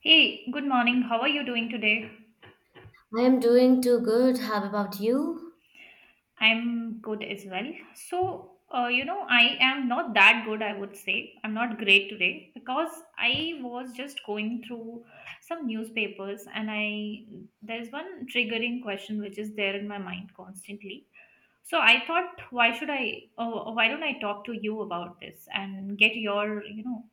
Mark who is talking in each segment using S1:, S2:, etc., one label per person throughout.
S1: Hey, good morning. How are you doing today?
S2: I am doing too good. How about you?
S1: I'm good as well. So, I am not that good, I would say. I'm not great today because I was just going through some newspapers and I there's one triggering question which is there in my mind constantly. So I thought, why don't I talk to you about this and get your,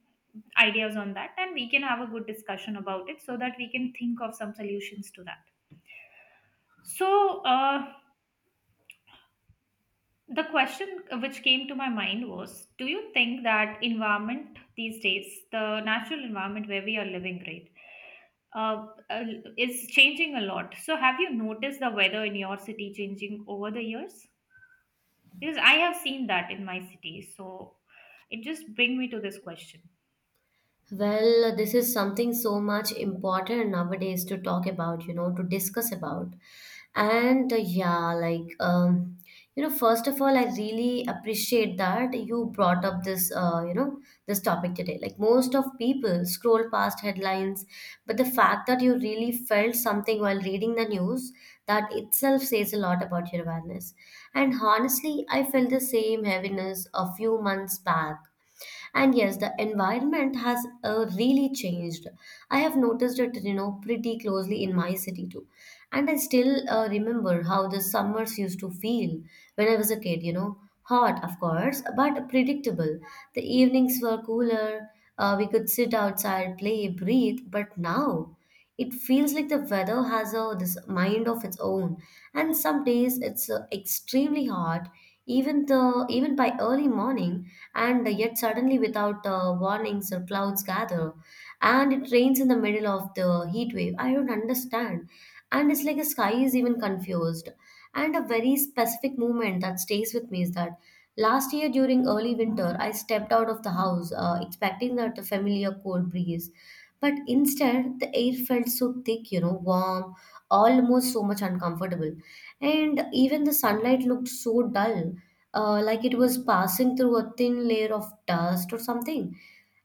S1: ideas on that, and we can have a good discussion about it so that we can think of some solutions to that. so uh, The question which came to my mind was, Do you think that environment these days, the natural environment where we are living, right, uh, uh, is changing a lot? So, have you noticed the weather in your city changing over the years? Because I have seen that in my city. So, it just brings me to this question.
S2: Well, this is something so much important nowadays to talk about, you know, to discuss about. And yeah, like, you know, first of all, I really appreciate that you brought up this, you know, this topic today. Like, most of people scroll past headlines, but the fact that you really felt something while reading the news, that itself says a lot about your awareness. And honestly, I felt the same heaviness a few months back, and yes, the environment has really changed. I have noticed it, you know, pretty closely in my city too. And I still remember how the summers used to feel when I was a kid, you know. Hot, of course, but predictable. The evenings were cooler. We could sit outside, play, breathe. But now, it feels like the weather has a this mind of its own, and some days it's extremely hot, even the even by early morning, and yet suddenly without warnings or clouds gather, and it rains in the middle of the heat wave. I don't understand, and it's like the sky is even confused. And a very specific moment that stays with me is that last year during early winter, I stepped out of the house expecting that the familiar cold breeze. But instead, the air felt so thick, you know, warm, almost so much uncomfortable. And even the sunlight looked so dull, like it was passing through a thin layer of dust or something.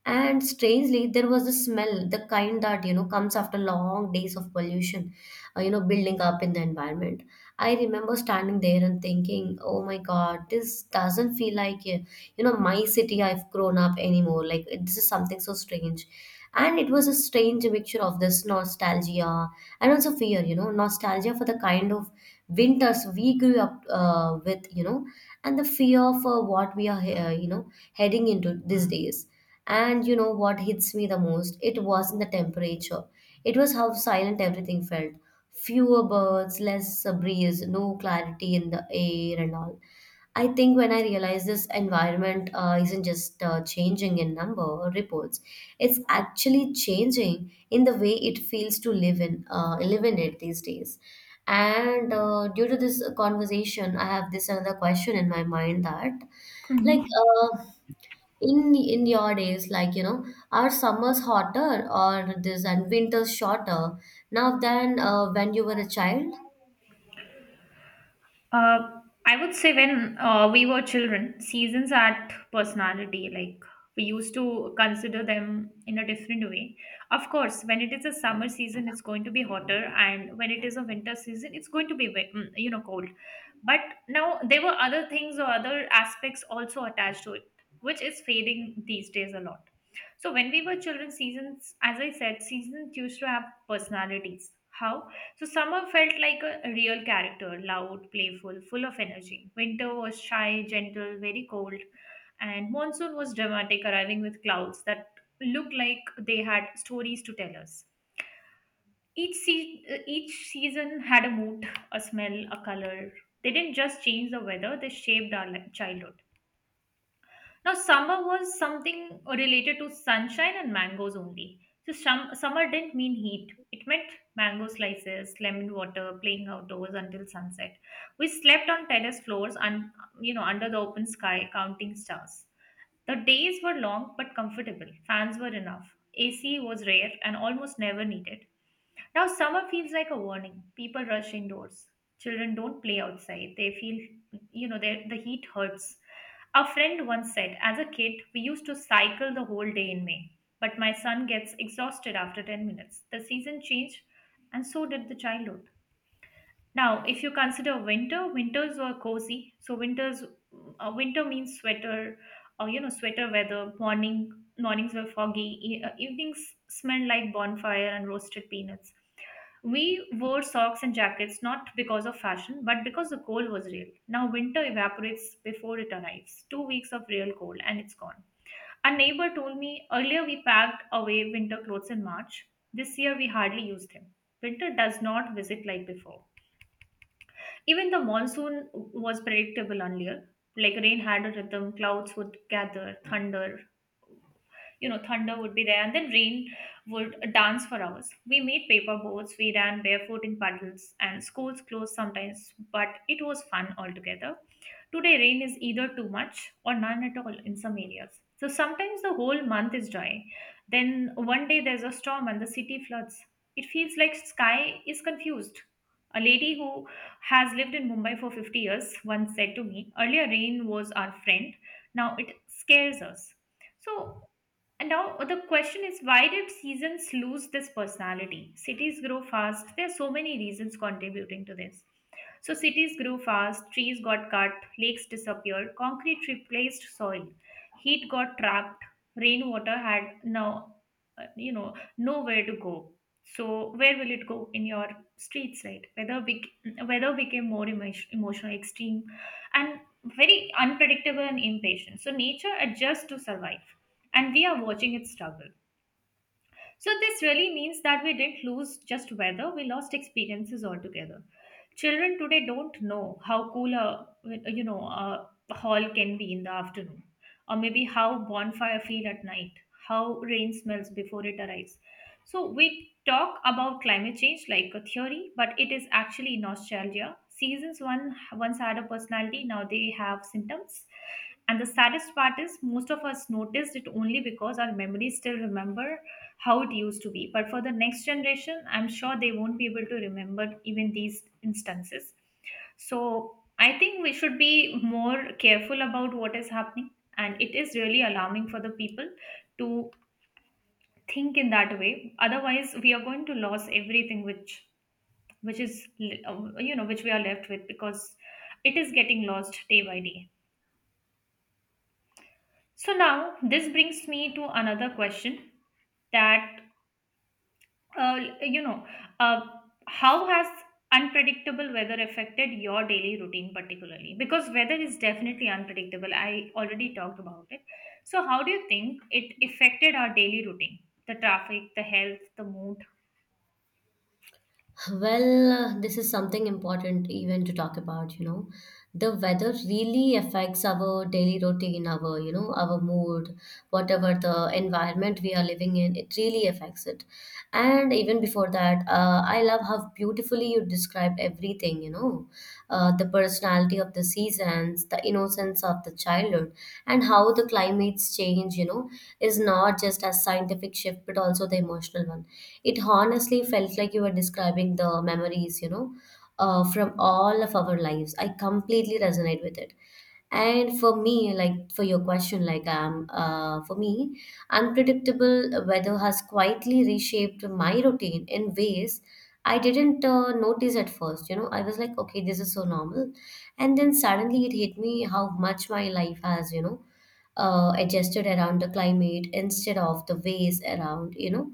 S2: And strangely, there was a smell, the kind that, you know, comes after long days of pollution, building up in the environment. I remember standing there and thinking, oh my God, this doesn't feel like, you know, my city I've grown up anymore. Like, this is something so strange. And it was a strange mixture of this nostalgia and also fear, you know, nostalgia for the kind of winters we grew up with, you know, and the fear for what we are, you know, heading into these days. And you know what hits me the most? It wasn't the temperature. It was how silent everything felt. Fewer birds, less breeze, no clarity in the air, and all. I think when I realized this environment isn't just changing in number or reports, it's actually changing in the way it feels to live in it these days. And due to this conversation, I have this another question in my mind that, like,
S1: Mhm.
S2: in your days, like, you know, are summers hotter or this, and winters shorter now than when you were a child?
S1: Uh, I would say when we were children, seasons had personality. Like, we used to consider them in a different way. Of course, when it is a summer season, it's going to be hotter, and when it is a winter season, it's going to be cold. But now there were other things or other aspects also attached to it, which is fading these days a lot. So when we were children, seasons, as I said, seasons used to have personalities. How? So summer felt like a real character, loud, playful, full of energy. Winter was shy, gentle, very cold, and monsoon was dramatic, arriving with clouds that looked like they had stories to tell us. Each season had a mood, a smell, a color. They didn't just change the weather; they shaped our childhood. Now, summer was something related to sunshine and mangoes only. So, summer didn't mean heat. It meant mango slices, lemon water, playing outdoors until sunset. We slept on terrace floors and, under the open sky, counting stars. The days were long but comfortable. Fans were enough. AC was rare and almost never needed. Now, summer feels like a warning. People rush indoors. Children don't play outside. They feel, the heat hurts. A friend once said, as a kid, we used to cycle the whole day in May, but my son gets exhausted after 10 minutes. The season changed, and so did the childhood. Now, if you consider winter, winters were cozy. So, winter means sweater, or sweater weather. Mornings were foggy. Evenings smelled like bonfire and roasted peanuts. We wore socks and jackets not because of fashion, but because the cold was real. Now winter evaporates before it arrives. 2 weeks of real cold and it's gone. A neighbor told me, earlier we packed away winter clothes in March. This year we hardly used them. Winter does not visit like before. Even the monsoon was predictable earlier. Like, rain had a rhythm. Clouds would gather, thunder you know thunder would be there, and then rain would dance for hours. We made paper boats, we ran barefoot in puddles, and schools closed sometimes, but it was fun altogether. Today, rain is either too much or none at all in some areas. So sometimes the whole month is dry, then one day there's a storm and the city floods. It feels like sky is confused. A lady who has lived in Mumbai for 50 years once said to me, earlier rain was our friend, now it scares us. So, and now the question is, why did seasons lose this personality? Cities grow fast. There are so many reasons contributing to this. So cities grew fast, trees got cut, lakes disappeared, concrete replaced soil, heat got trapped, rainwater had no, you know, nowhere to go. So where will it go, in your streets, right? Weather became more emotional, extreme, and very unpredictable and impatient. So nature adjusts to survive, and we are watching it struggle. So, this really means that we didn't lose just weather, we lost experiences altogether. Children today don't know how cool a you know a hall can be in the afternoon, or maybe how bonfire feel at night, how rain smells before it arrives. So we talk about climate change like a theory, but it is actually nostalgia. Seasons one once had a personality, now they have symptoms. And the saddest part is most of us noticed it only because our memories still remember how it used to be. But for the next generation, I'm sure they won't be able to remember even these instances. So I think we should be more careful about what is happening. And it is really alarming for the people to think in that way. Otherwise, we are going to lose everything which is you know which we are left with, because it is getting lost day by day. So now this brings me to another question, that uh, you know, uh, how has unpredictable weather affected your daily routine particularly? Because weather is definitely unpredictable. I already talked about it. So, how do you think it affected our daily routine? The traffic, the health, the mood?
S2: Well, this is something important even to talk about, you know. The weather really affects our daily routine, our, you know, our mood, whatever the environment we are living in, it really affects it. And even before that, I love how beautifully you described everything, you know, the personality of the seasons, the innocence of the childhood, and how the climates change, you know, is not just a scientific shift, but also the emotional one. It honestly felt like you were describing the memories, you know, from all of our lives. I completely resonate with it. And for me, like, for your question, like, for me, unpredictable weather has quietly reshaped my routine in ways I didn't notice at first. You know, I was like, okay, this is so normal, and then suddenly it hit me how much my life has, you know, adjusted around the climate instead of the ways around. You know,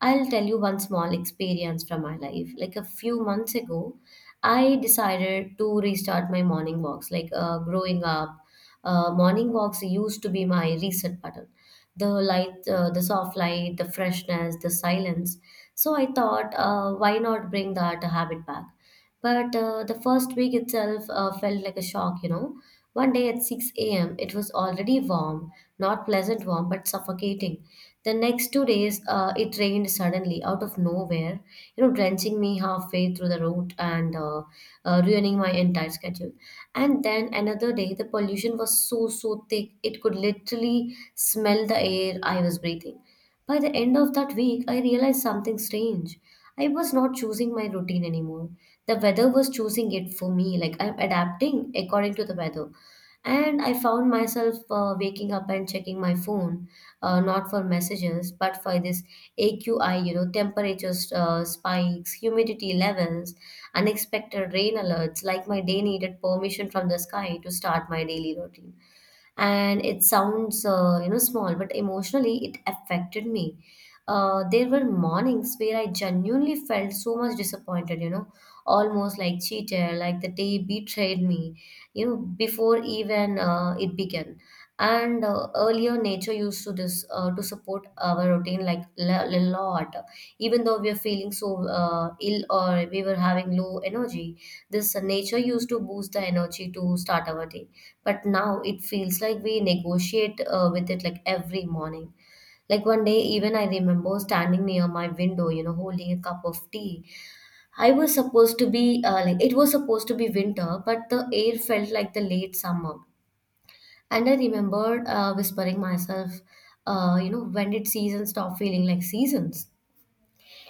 S2: I'll tell you one small experience from my life. Like a few months ago, I decided to restart my morning walks. Like growing up, morning walks used to be my reset button. The light, the soft light, the freshness, the silence. So I thought, why not bring that habit back? But the first week itself felt like a shock, you know. One day at 6 a.m., it was already warm, not pleasant warm, but suffocating. The next 2 days, it rained suddenly out of nowhere, you know, drenching me halfway through the route, and ruining my entire schedule. And then another day, the pollution was so, so thick, it could literally smell the air I was breathing. By the end of that week, I realized something strange. I was not choosing my routine anymore. The weather was choosing it for me. Like I'm adapting according to the weather. And I found myself waking up and checking my phone, not for messages, but for this AQI, you know, temperature spikes, humidity levels, unexpected rain alerts, like my day needed permission from the sky to start my daily routine. And it sounds, you know, small, but emotionally it affected me. There were mornings where I genuinely felt so much disappointed, you know, almost like cheated, like the day betrayed me, you know, before even it began. And earlier nature used to this to support our routine like a lot, even though we are feeling so ill, or we were having low energy. This nature used to boost the energy to start our day, but now it feels like we negotiate with it like every morning. Like one day, even I remember standing near my window, you know, holding a cup of tea. I was supposed to be like it was supposed to be winter, but the air felt like the late summer. And I remembered whispering myself, you know, when did seasons stop feeling like seasons?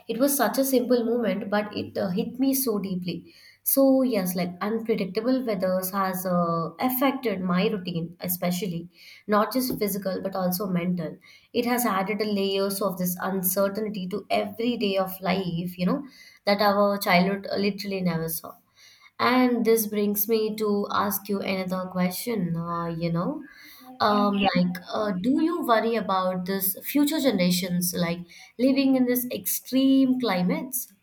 S2: It was such a simple moment, but it hit me so deeply. So yes, like unpredictable weathers has affected my routine, especially not just physical but also mental. It has added a layers of this uncertainty to every day of life, you know, that our childhood literally never saw. And this brings me to ask you another question,
S1: Yeah.
S2: Yeah. Like, do you worry about this future generations, like living in this extreme climates?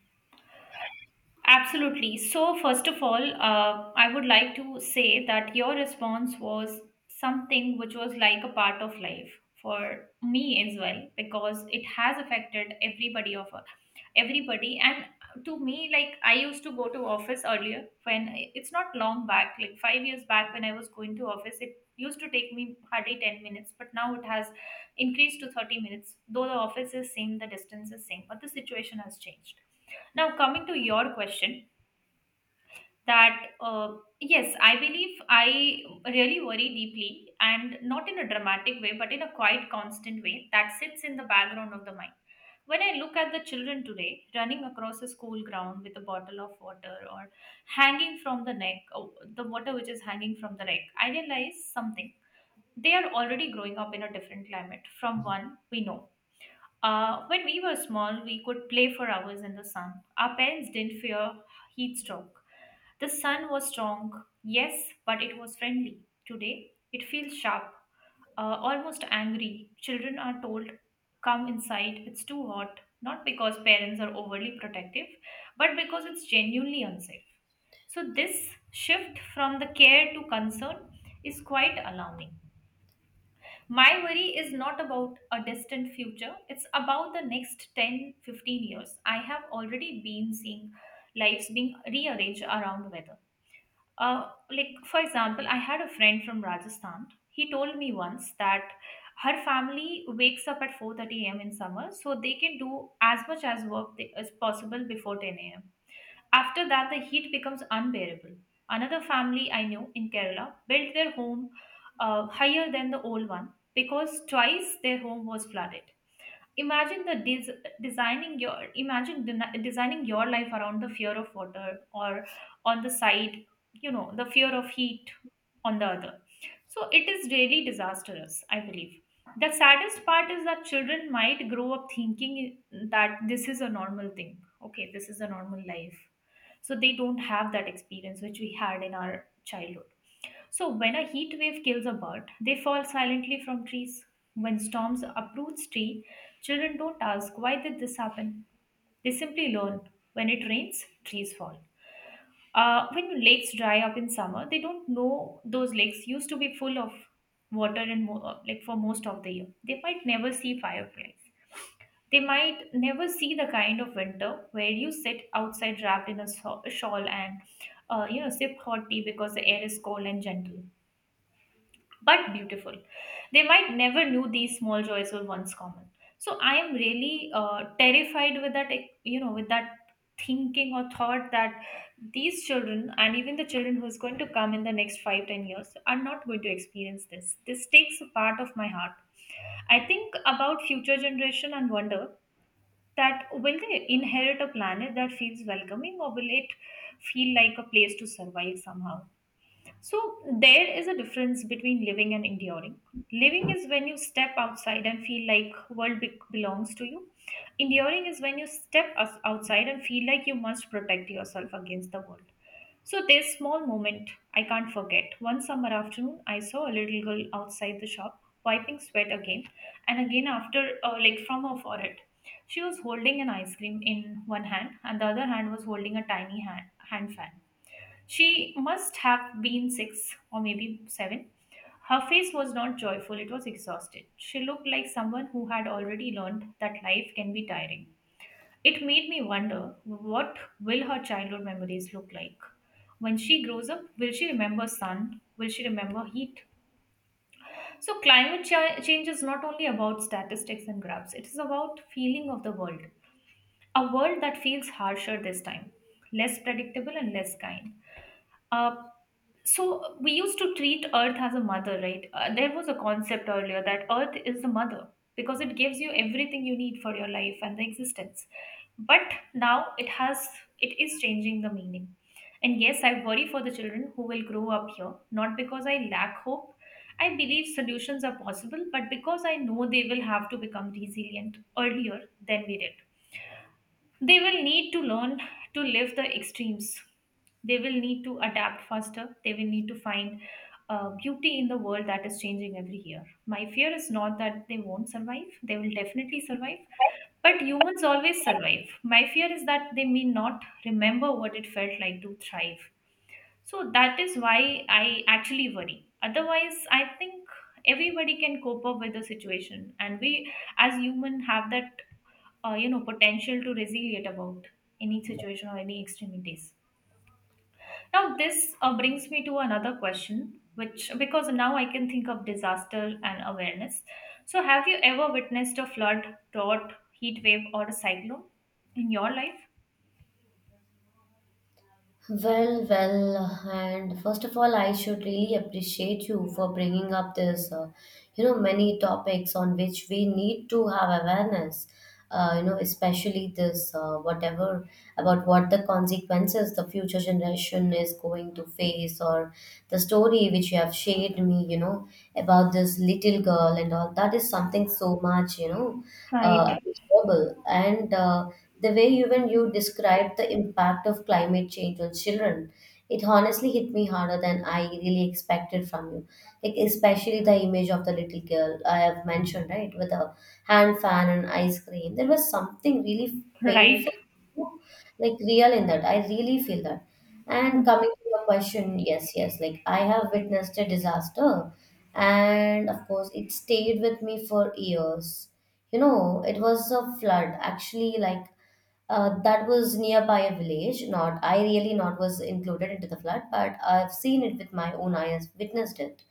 S1: Absolutely. So, first of all, I would like to say that your response was something which was like a part of life for me as well, because it has affected everybody of us, everybody. And to me, like, I used to go to office earlier when it's not long back, like 5 years back when I was going to office, it used to take me hardly 10 minutes, but now it has increased to 30 minutes. Though the office is same, the distance is same, but the situation has changed. Now, coming to your question, that yes, I believe I really worry deeply, and not in a dramatic way, but in a quite constant way that sits in the background of the mind. When I look at the children today running across a school ground with a bottle of water or hanging from the neck, oh, the water which is hanging from the neck, I realize something. They are already growing up in a different climate from one we know. When we were small, we could play for hours in the sun. Our parents didn't fear heat stroke. The sun was strong, yes, but it was friendly. Today, it feels sharp, almost angry. Children are told, come inside, it's too hot, not because parents are overly protective, but because it's genuinely unsafe. So, this shift from the care to concern is quite alarming. My worry is not about a distant future, it's about the next 10-15 years. I have already been seeing lives being rearranged around weather. Like, for example, I had a friend from Rajasthan. He told me once that her family wakes up at 4:30 a.m. in summer so they can do as much as as possible before 10 a.m. After that, the heat becomes unbearable. Another family I knew in Kerala built their home higher than the old one, because twice their home was flooded. Imagine the des- designing your imagine den- designing your life around the fear of water or on the side, the fear of heat on the other. So it is really disastrous, I believe. The saddest part is that children might grow up thinking that this is a normal thing. Okay, this is a normal life. So they don't have that experience which we had in our childhood. So, when a heat wave kills a bird, they fall silently from trees. When storms uproot tree, children don't ask, why did this happen. They simply learn, when it rains, trees fall. When lakes dry up in summer, they don't know those lakes used to be full of water, and like, for most of the year. They might never see fireflies. They might never see the kind of winter where you sit outside wrapped in a shawl and sip hot tea because the air is cold and gentle, but beautiful. They might never knew these small joys were once common. So I am really terrified with that, like, you know, with that thinking or thought that these children and even the children who's going to come in the next 5-10 years are not going to experience this. This takes a part of my heart. I think about future generation and wonder, that will they inherit a planet that feels welcoming, or will it feel like a place to survive somehow? So, there is a difference between living and enduring. Living is when you step outside and feel like world belongs to you. Enduring is when you step outside and feel like you must protect yourself against the world. So this small moment I can't forget. One summer afternoon, I saw a little girl outside the shop wiping sweat again and again after like from her forehead. She was holding an ice cream in one hand and the other hand was holding a tiny hand fan. She must have been six or maybe seven. Her face was not joyful, it was exhausted. She looked like someone who had already learned that life can be tiring. It made me wonder, what will her childhood memories look like? When she grows up, will she remember sun? Will she remember heat? So, climate change is not only about statistics and graphs, it is about feeling of the world. A world that feels harsher this time, less predictable and less kind. A So we used to treat Earth as a mother, right? There was a concept earlier that Earth is the mother because it gives you everything you need for your life and the existence. But now it is changing the meaning. And yes, I worry for the children who will grow up here, not because I lack hope. I believe solutions are possible, but because I know they will have to become resilient earlier than we did. They will need to learn to live the extremes. They will need to adapt faster. They will need to find beauty in the world that is changing every year. My fear is not that they won't survive, they will definitely survive. But humans always survive. My fear is that they may not remember what it felt like to thrive. So that is why I actually worry. Otherwise, I think everybody can cope up with the situation, and we as human have that potential to resilient about any situation or any extremities. Now this brings me to another question, which, because now I can think of disaster and awareness, so have you ever witnessed a flood, drought, heat wave or a cyclone in your life?
S2: Well, well, and first of all, I should really appreciate you for bringing up this, you know, many topics on which we need to have awareness, you know, especially this, whatever about what the consequences the future generation is going to face, or the story which you have shared me, you know, about this little girl and all. That is something so much, you know,
S1: Right.
S2: uh, global. And the way even you described the impact of climate change on children, it honestly hit me harder than I really expected from you. Like especially the image of the little girl I have mentioned, right, with a hand fan and ice cream. There was something really
S1: Right.
S2: painful, like real in that. I really feel that. And coming to your question, yes, yes, like I have witnessed a disaster, and of course, it stayed with me for years. You know, it was a flood actually, like that was nearby a village. Not I really not was included into the flood, but I've seen it with my own eyes, witnessed it.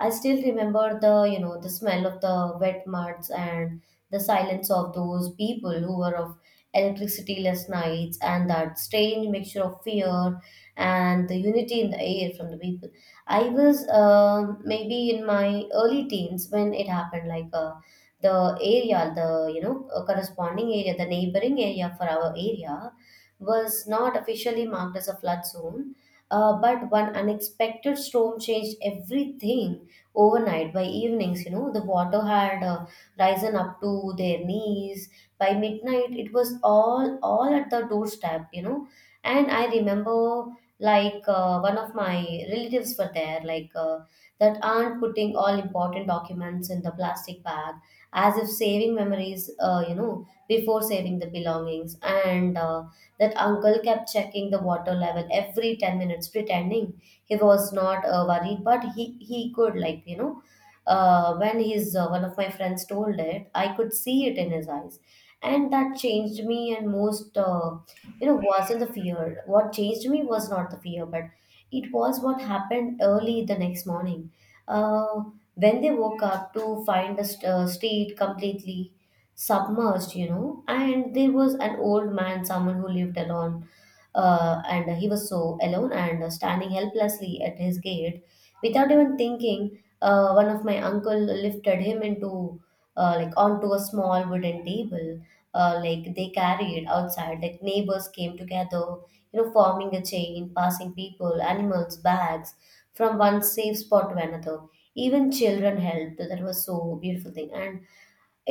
S2: I still remember the, you know, the smell of the wet muds and the silence of those people who were of electricityless nights, and that strange mixture of fear and the unity in the air from the people. I was maybe in my early teens when it happened, like the area, the, you know, corresponding area, the neighboring area for our area was not officially marked as a flood zone. But one unexpected storm changed everything overnight. By evenings, you know, the water had risen up to their knees. By midnight, it was all at the doorstep, you know. And I remember, like one of my relatives were there, like that aunt putting all important documents in the plastic bag, as if saving memories, you know, before saving the belongings, and. That uncle kept checking the water level every 10 minutes, pretending he was not worried, but he could, like, you know, when his one of my friends told it, I could see it in his eyes. And that changed me, and most, you know, wasn't the fear. What changed me was not the fear, but it was what happened early the next morning. Uh, when they woke up to find the street completely submerged, you know, and there was an old man, someone who lived alone, and he was so alone and standing helplessly at his gate. Without even thinking, one of my uncle lifted him into like onto a small wooden table, like they carried outside, like neighbors came together, you know, forming a chain, passing people, animals, bags from one safe spot to another. Even children helped. That was so beautiful thing, and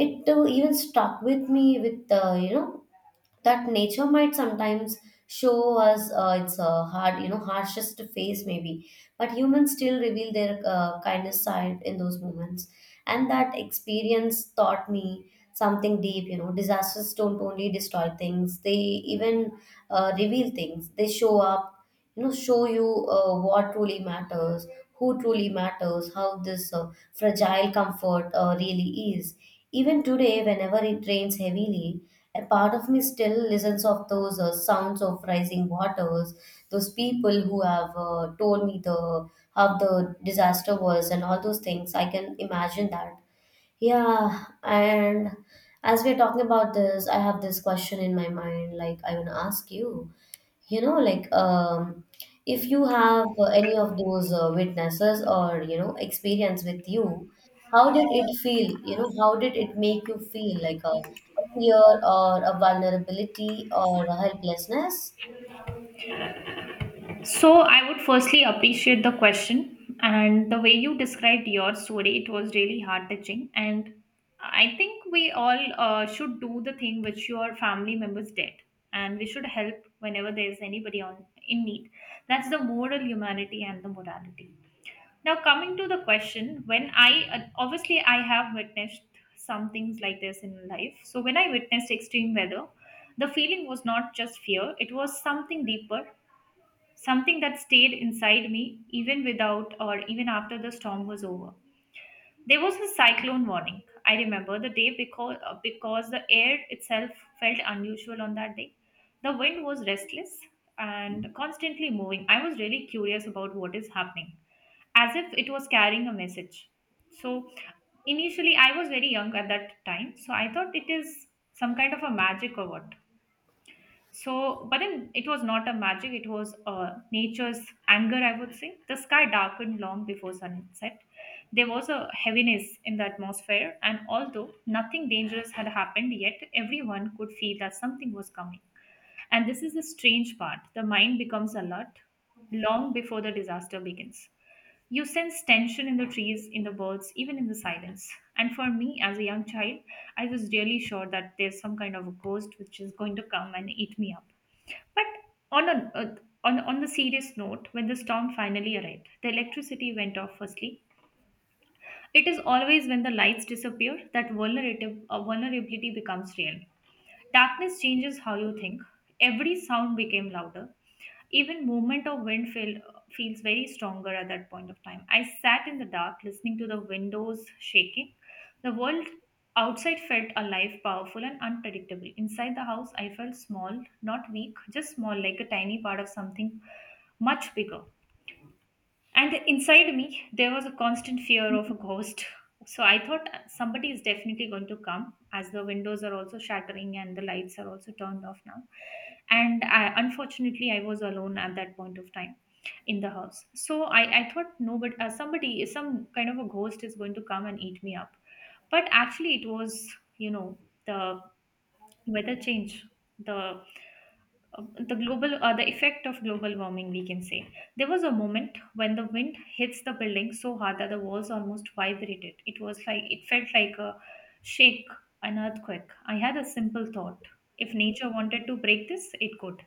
S2: it even stuck with me with you know, that nature might sometimes show us its hard, you know, harshest face maybe, but humans still reveal their kindness side in those moments. And that experience taught me something deep. You know, disasters don't only destroy things, they even reveal things, they show up, you know, show you what truly matters, who truly matters, how this fragile comfort really is. Even today, whenever it rains heavily, a part of me still listens of those sounds of rising waters, those people who have told me the how the disaster was and all those things. I can imagine that. Yeah, and as we're talking about this, I have this question in my mind, like I want to ask you, you know, like if you have any of those witnesses or you know experience with you, how did it feel, you know, how did it make you feel like a fear or a vulnerability or a helplessness?
S1: So, I would firstly appreciate the question and the way you described your story. It was really heart touching. And I think we all should do the thing which your family members did. And we should help whenever there is anybody on in need. That's the moral humanity and the morality. Now, coming to the question, when I obviously I have witnessed some things like this in life. So, when I witnessed extreme weather, the feeling was not just fear, it was something deeper, something that stayed inside me even without or even after the storm was over. There was a cyclone warning. I remember the day because the air itself felt unusual on that day. The wind was restless and constantly moving. I was really curious about what is happening, as if it was carrying a message. So initially, I was very young at that time, so I thought it is some kind of a magic or what. So, but then it was not a magic, it was nature's anger, I would say. The sky darkened long before sunset. There was a heaviness in the atmosphere, and although nothing dangerous had happened yet, everyone could feel that something was coming. And this is the strange part, the mind becomes alert long before the disaster begins. You sense tension in the trees, in the birds, even in the silence. And for me, as a young child, I was really sure that there's some kind of a ghost which is going to come and eat me up. But on, a, uh, on the serious note, when the storm finally arrived, the electricity went off firstly. It is always when the lights disappear that vulnerability becomes real. Darkness changes how you think. Every sound became louder. Even movement of wind feels very stronger at that point of time. I sat in the dark listening to the windows shaking. The world outside felt alive, powerful, and unpredictable. Inside the house, I felt small, not weak, just small, like a tiny part of something much bigger. And inside me, there was a constant fear of a ghost. So I thought somebody is definitely going to come, as the windows are also shattering and the lights are also turned off now. And I, unfortunately, I was alone at that point of time in the house. So I thought, no, but somebody, some kind of a ghost is going to come and eat me up. But actually, it was, you know, the weather change, the uh, the global the effect of global warming, we can say. There was a moment when the wind hits the building so hard that the walls almost vibrated. It was like, it felt like a shake, an earthquake. I had a simple thought, if nature wanted to break this, it could.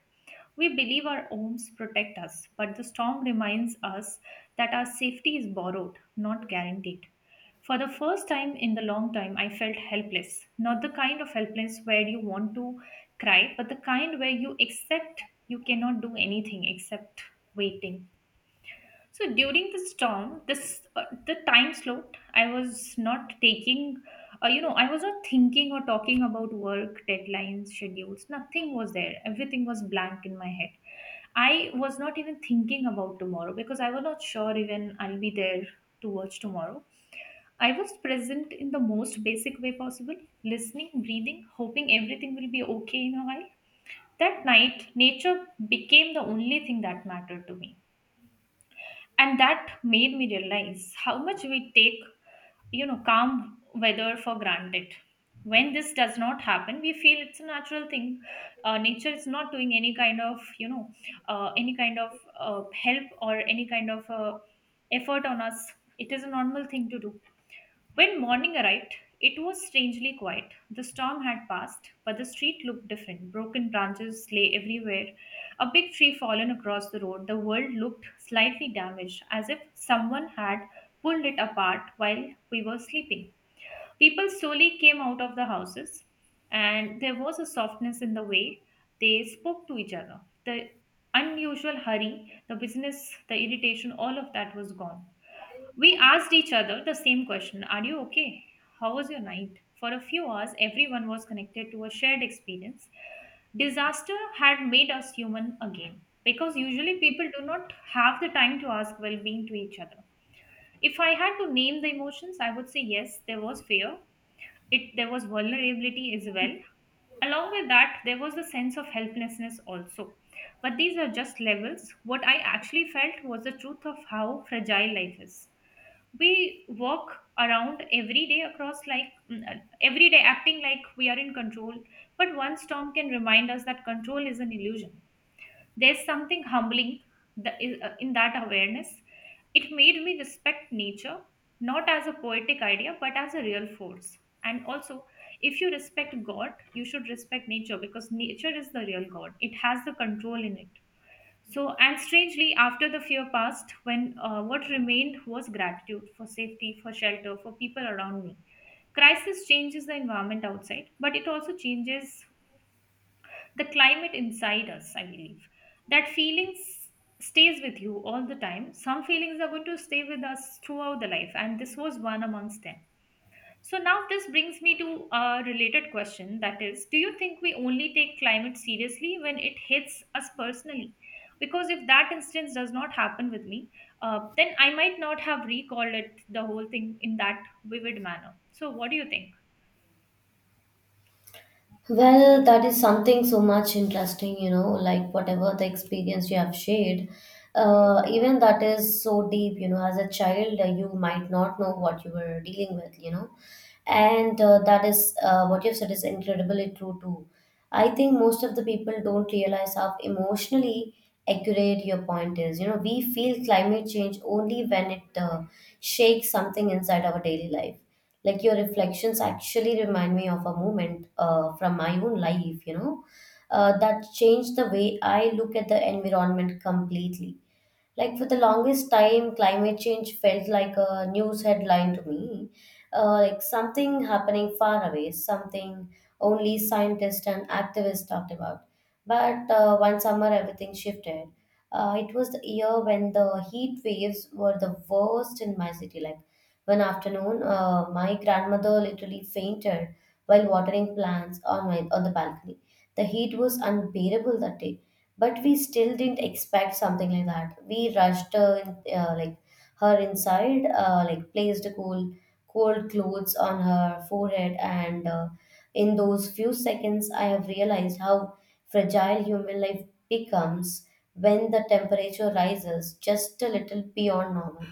S1: We believe our homes protect us, but the storm reminds us that our safety is borrowed, not guaranteed. For the first time in the long time, I felt helpless. Not the kind of helpless where you want to cry, but the kind where you accept you cannot do anything except waiting. So during the storm, this the time slot, I was not taking, I was not thinking or talking about work, deadlines, schedules. Nothing was there. Everything was blank in my head. I was not even thinking about tomorrow because I was not sure even I'll be there to watch tomorrow. I was present in the most basic way possible, listening, breathing, hoping everything will be okay in a while. That night, nature became the only thing that mattered to me. And that made me realize how much we take calm weather for granted. When this does not happen we feel it's a natural thing. Nature is not doing any kind of, any kind of help or any kind of effort on us. It is a normal thing to do. When morning arrived, it was strangely quiet. The storm had passed, but the street looked different. Broken branches lay everywhere. A big tree fallen across the road. The world looked slightly damaged, as if someone had pulled it apart while we were sleeping. People slowly came out of the houses, and there was a softness in the way they spoke to each other. The unusual hurry, the business, the irritation, all of that was gone. We asked each other the same question, are you okay? How was your night? For a few hours, everyone was connected to a shared experience. Disaster had made us human again, because usually people do not have the time to ask well being to each other. If I had to name the emotions, I would say yes, there was fear, there was vulnerability as well. Along with that, there was a sense of helplessness also. But these are just levels. What I actually felt was the truth of how fragile life is. We walk around every day, across like every day acting like we are in control, but one storm can remind us that control is an illusion. There's something humbling in that awareness. It made me respect nature, not as a poetic idea but as a real force. And also, if you respect god you should respect nature, because nature is the real god, it has the control in it. So, and strangely, after the fear passed, when what remained was gratitude for safety, for shelter, for people around me. Crisis changes the environment outside, but it also changes the climate inside us, I believe. That stays with you all the time. Some feelings are going to stay with us throughout the life, and this was one amongst them. So now this brings me to a related question, that is, do you think we only take climate seriously when it hits us personally? Because if that instance does not happen with me, then I might not have recalled it the whole thing in that vivid manner. So what do you think?
S2: Well, that is something so much interesting, you know, like whatever the experience you have shared, even that is so deep, you know. As a child, you might not know what you were dealing with, you know, and that is what you've said is incredibly true too. I think most of the people don't realize how emotionally accurate your point is. You know, we feel climate change only when it shakes something inside our daily life. Like your reflections actually remind me of a moment from my own life, you know, that changed the way I look at the environment completely. Like for the longest time, climate change felt like a news headline to me, like something happening far away, something only scientists and activists talked about. But one summer, everything shifted. It was the year when the heat waves were the worst in my city. Like one afternoon, my grandmother literally fainted while watering plants on my on the balcony. The heat was unbearable that day, but we still didn't expect something like that. We rushed her, in, like her inside, like placed cool, cold clothes on her forehead, and in those few seconds, I have realized how fragile human life becomes when the temperature rises just a little beyond normal.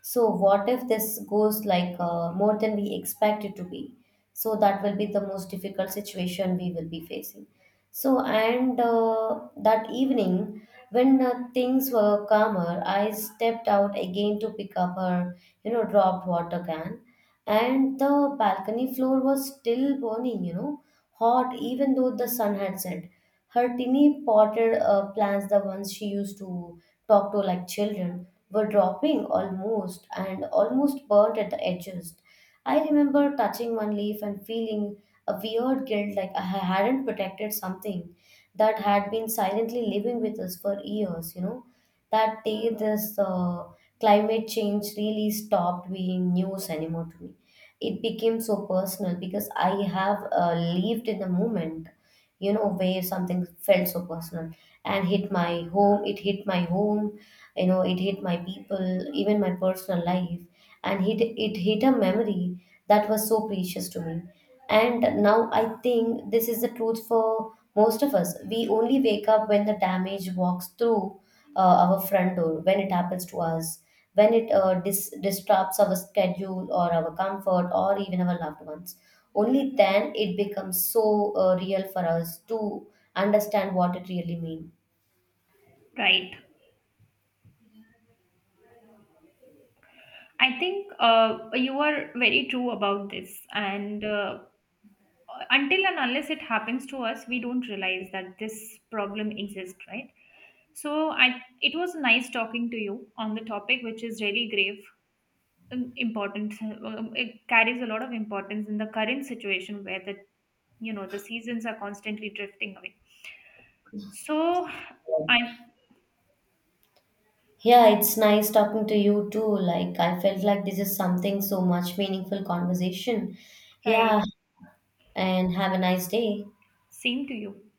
S2: So, what if this goes like more than we expect it to be? So, that will be the most difficult situation we will be facing. So, and that evening, when things were calmer, I stepped out again to pick up her, you know, dropped water can. And the balcony floor was still burning, you know, hot even though the sun had set. Her tiny potted plants, the ones she used to talk to like children, were dropping almost and almost burnt at the edges. I remember touching one leaf and feeling a weird guilt, like I hadn't protected something that had been silently living with us for years, you know. That day, this climate change really stopped being news anymore to me. It became so personal because I have lived in the moment, you know, where something felt so personal and hit my home, it hit my home, you know, it hit my people, even my personal life, and it hit a memory that was so precious to me. And now I think this is the truth for most of us. We only wake up when the damage walks through our front door, when it happens to us, when it disrupts our schedule or our comfort or even our loved ones. Only then it becomes so real for us to understand what it really means.
S1: Right. I think you are very true about this. And until and unless it happens to us, we don't realize that this problem exists, right? So I, it was nice talking to you on the topic, which is really grave, important. It carries a lot of importance in the current situation where the you know the seasons are constantly drifting away. So I'm
S2: Yeah, it's nice talking to you too. Like, I felt like this is something so much meaningful conversation.
S1: right.
S2: Yeah, and have a nice day.
S1: Same to you.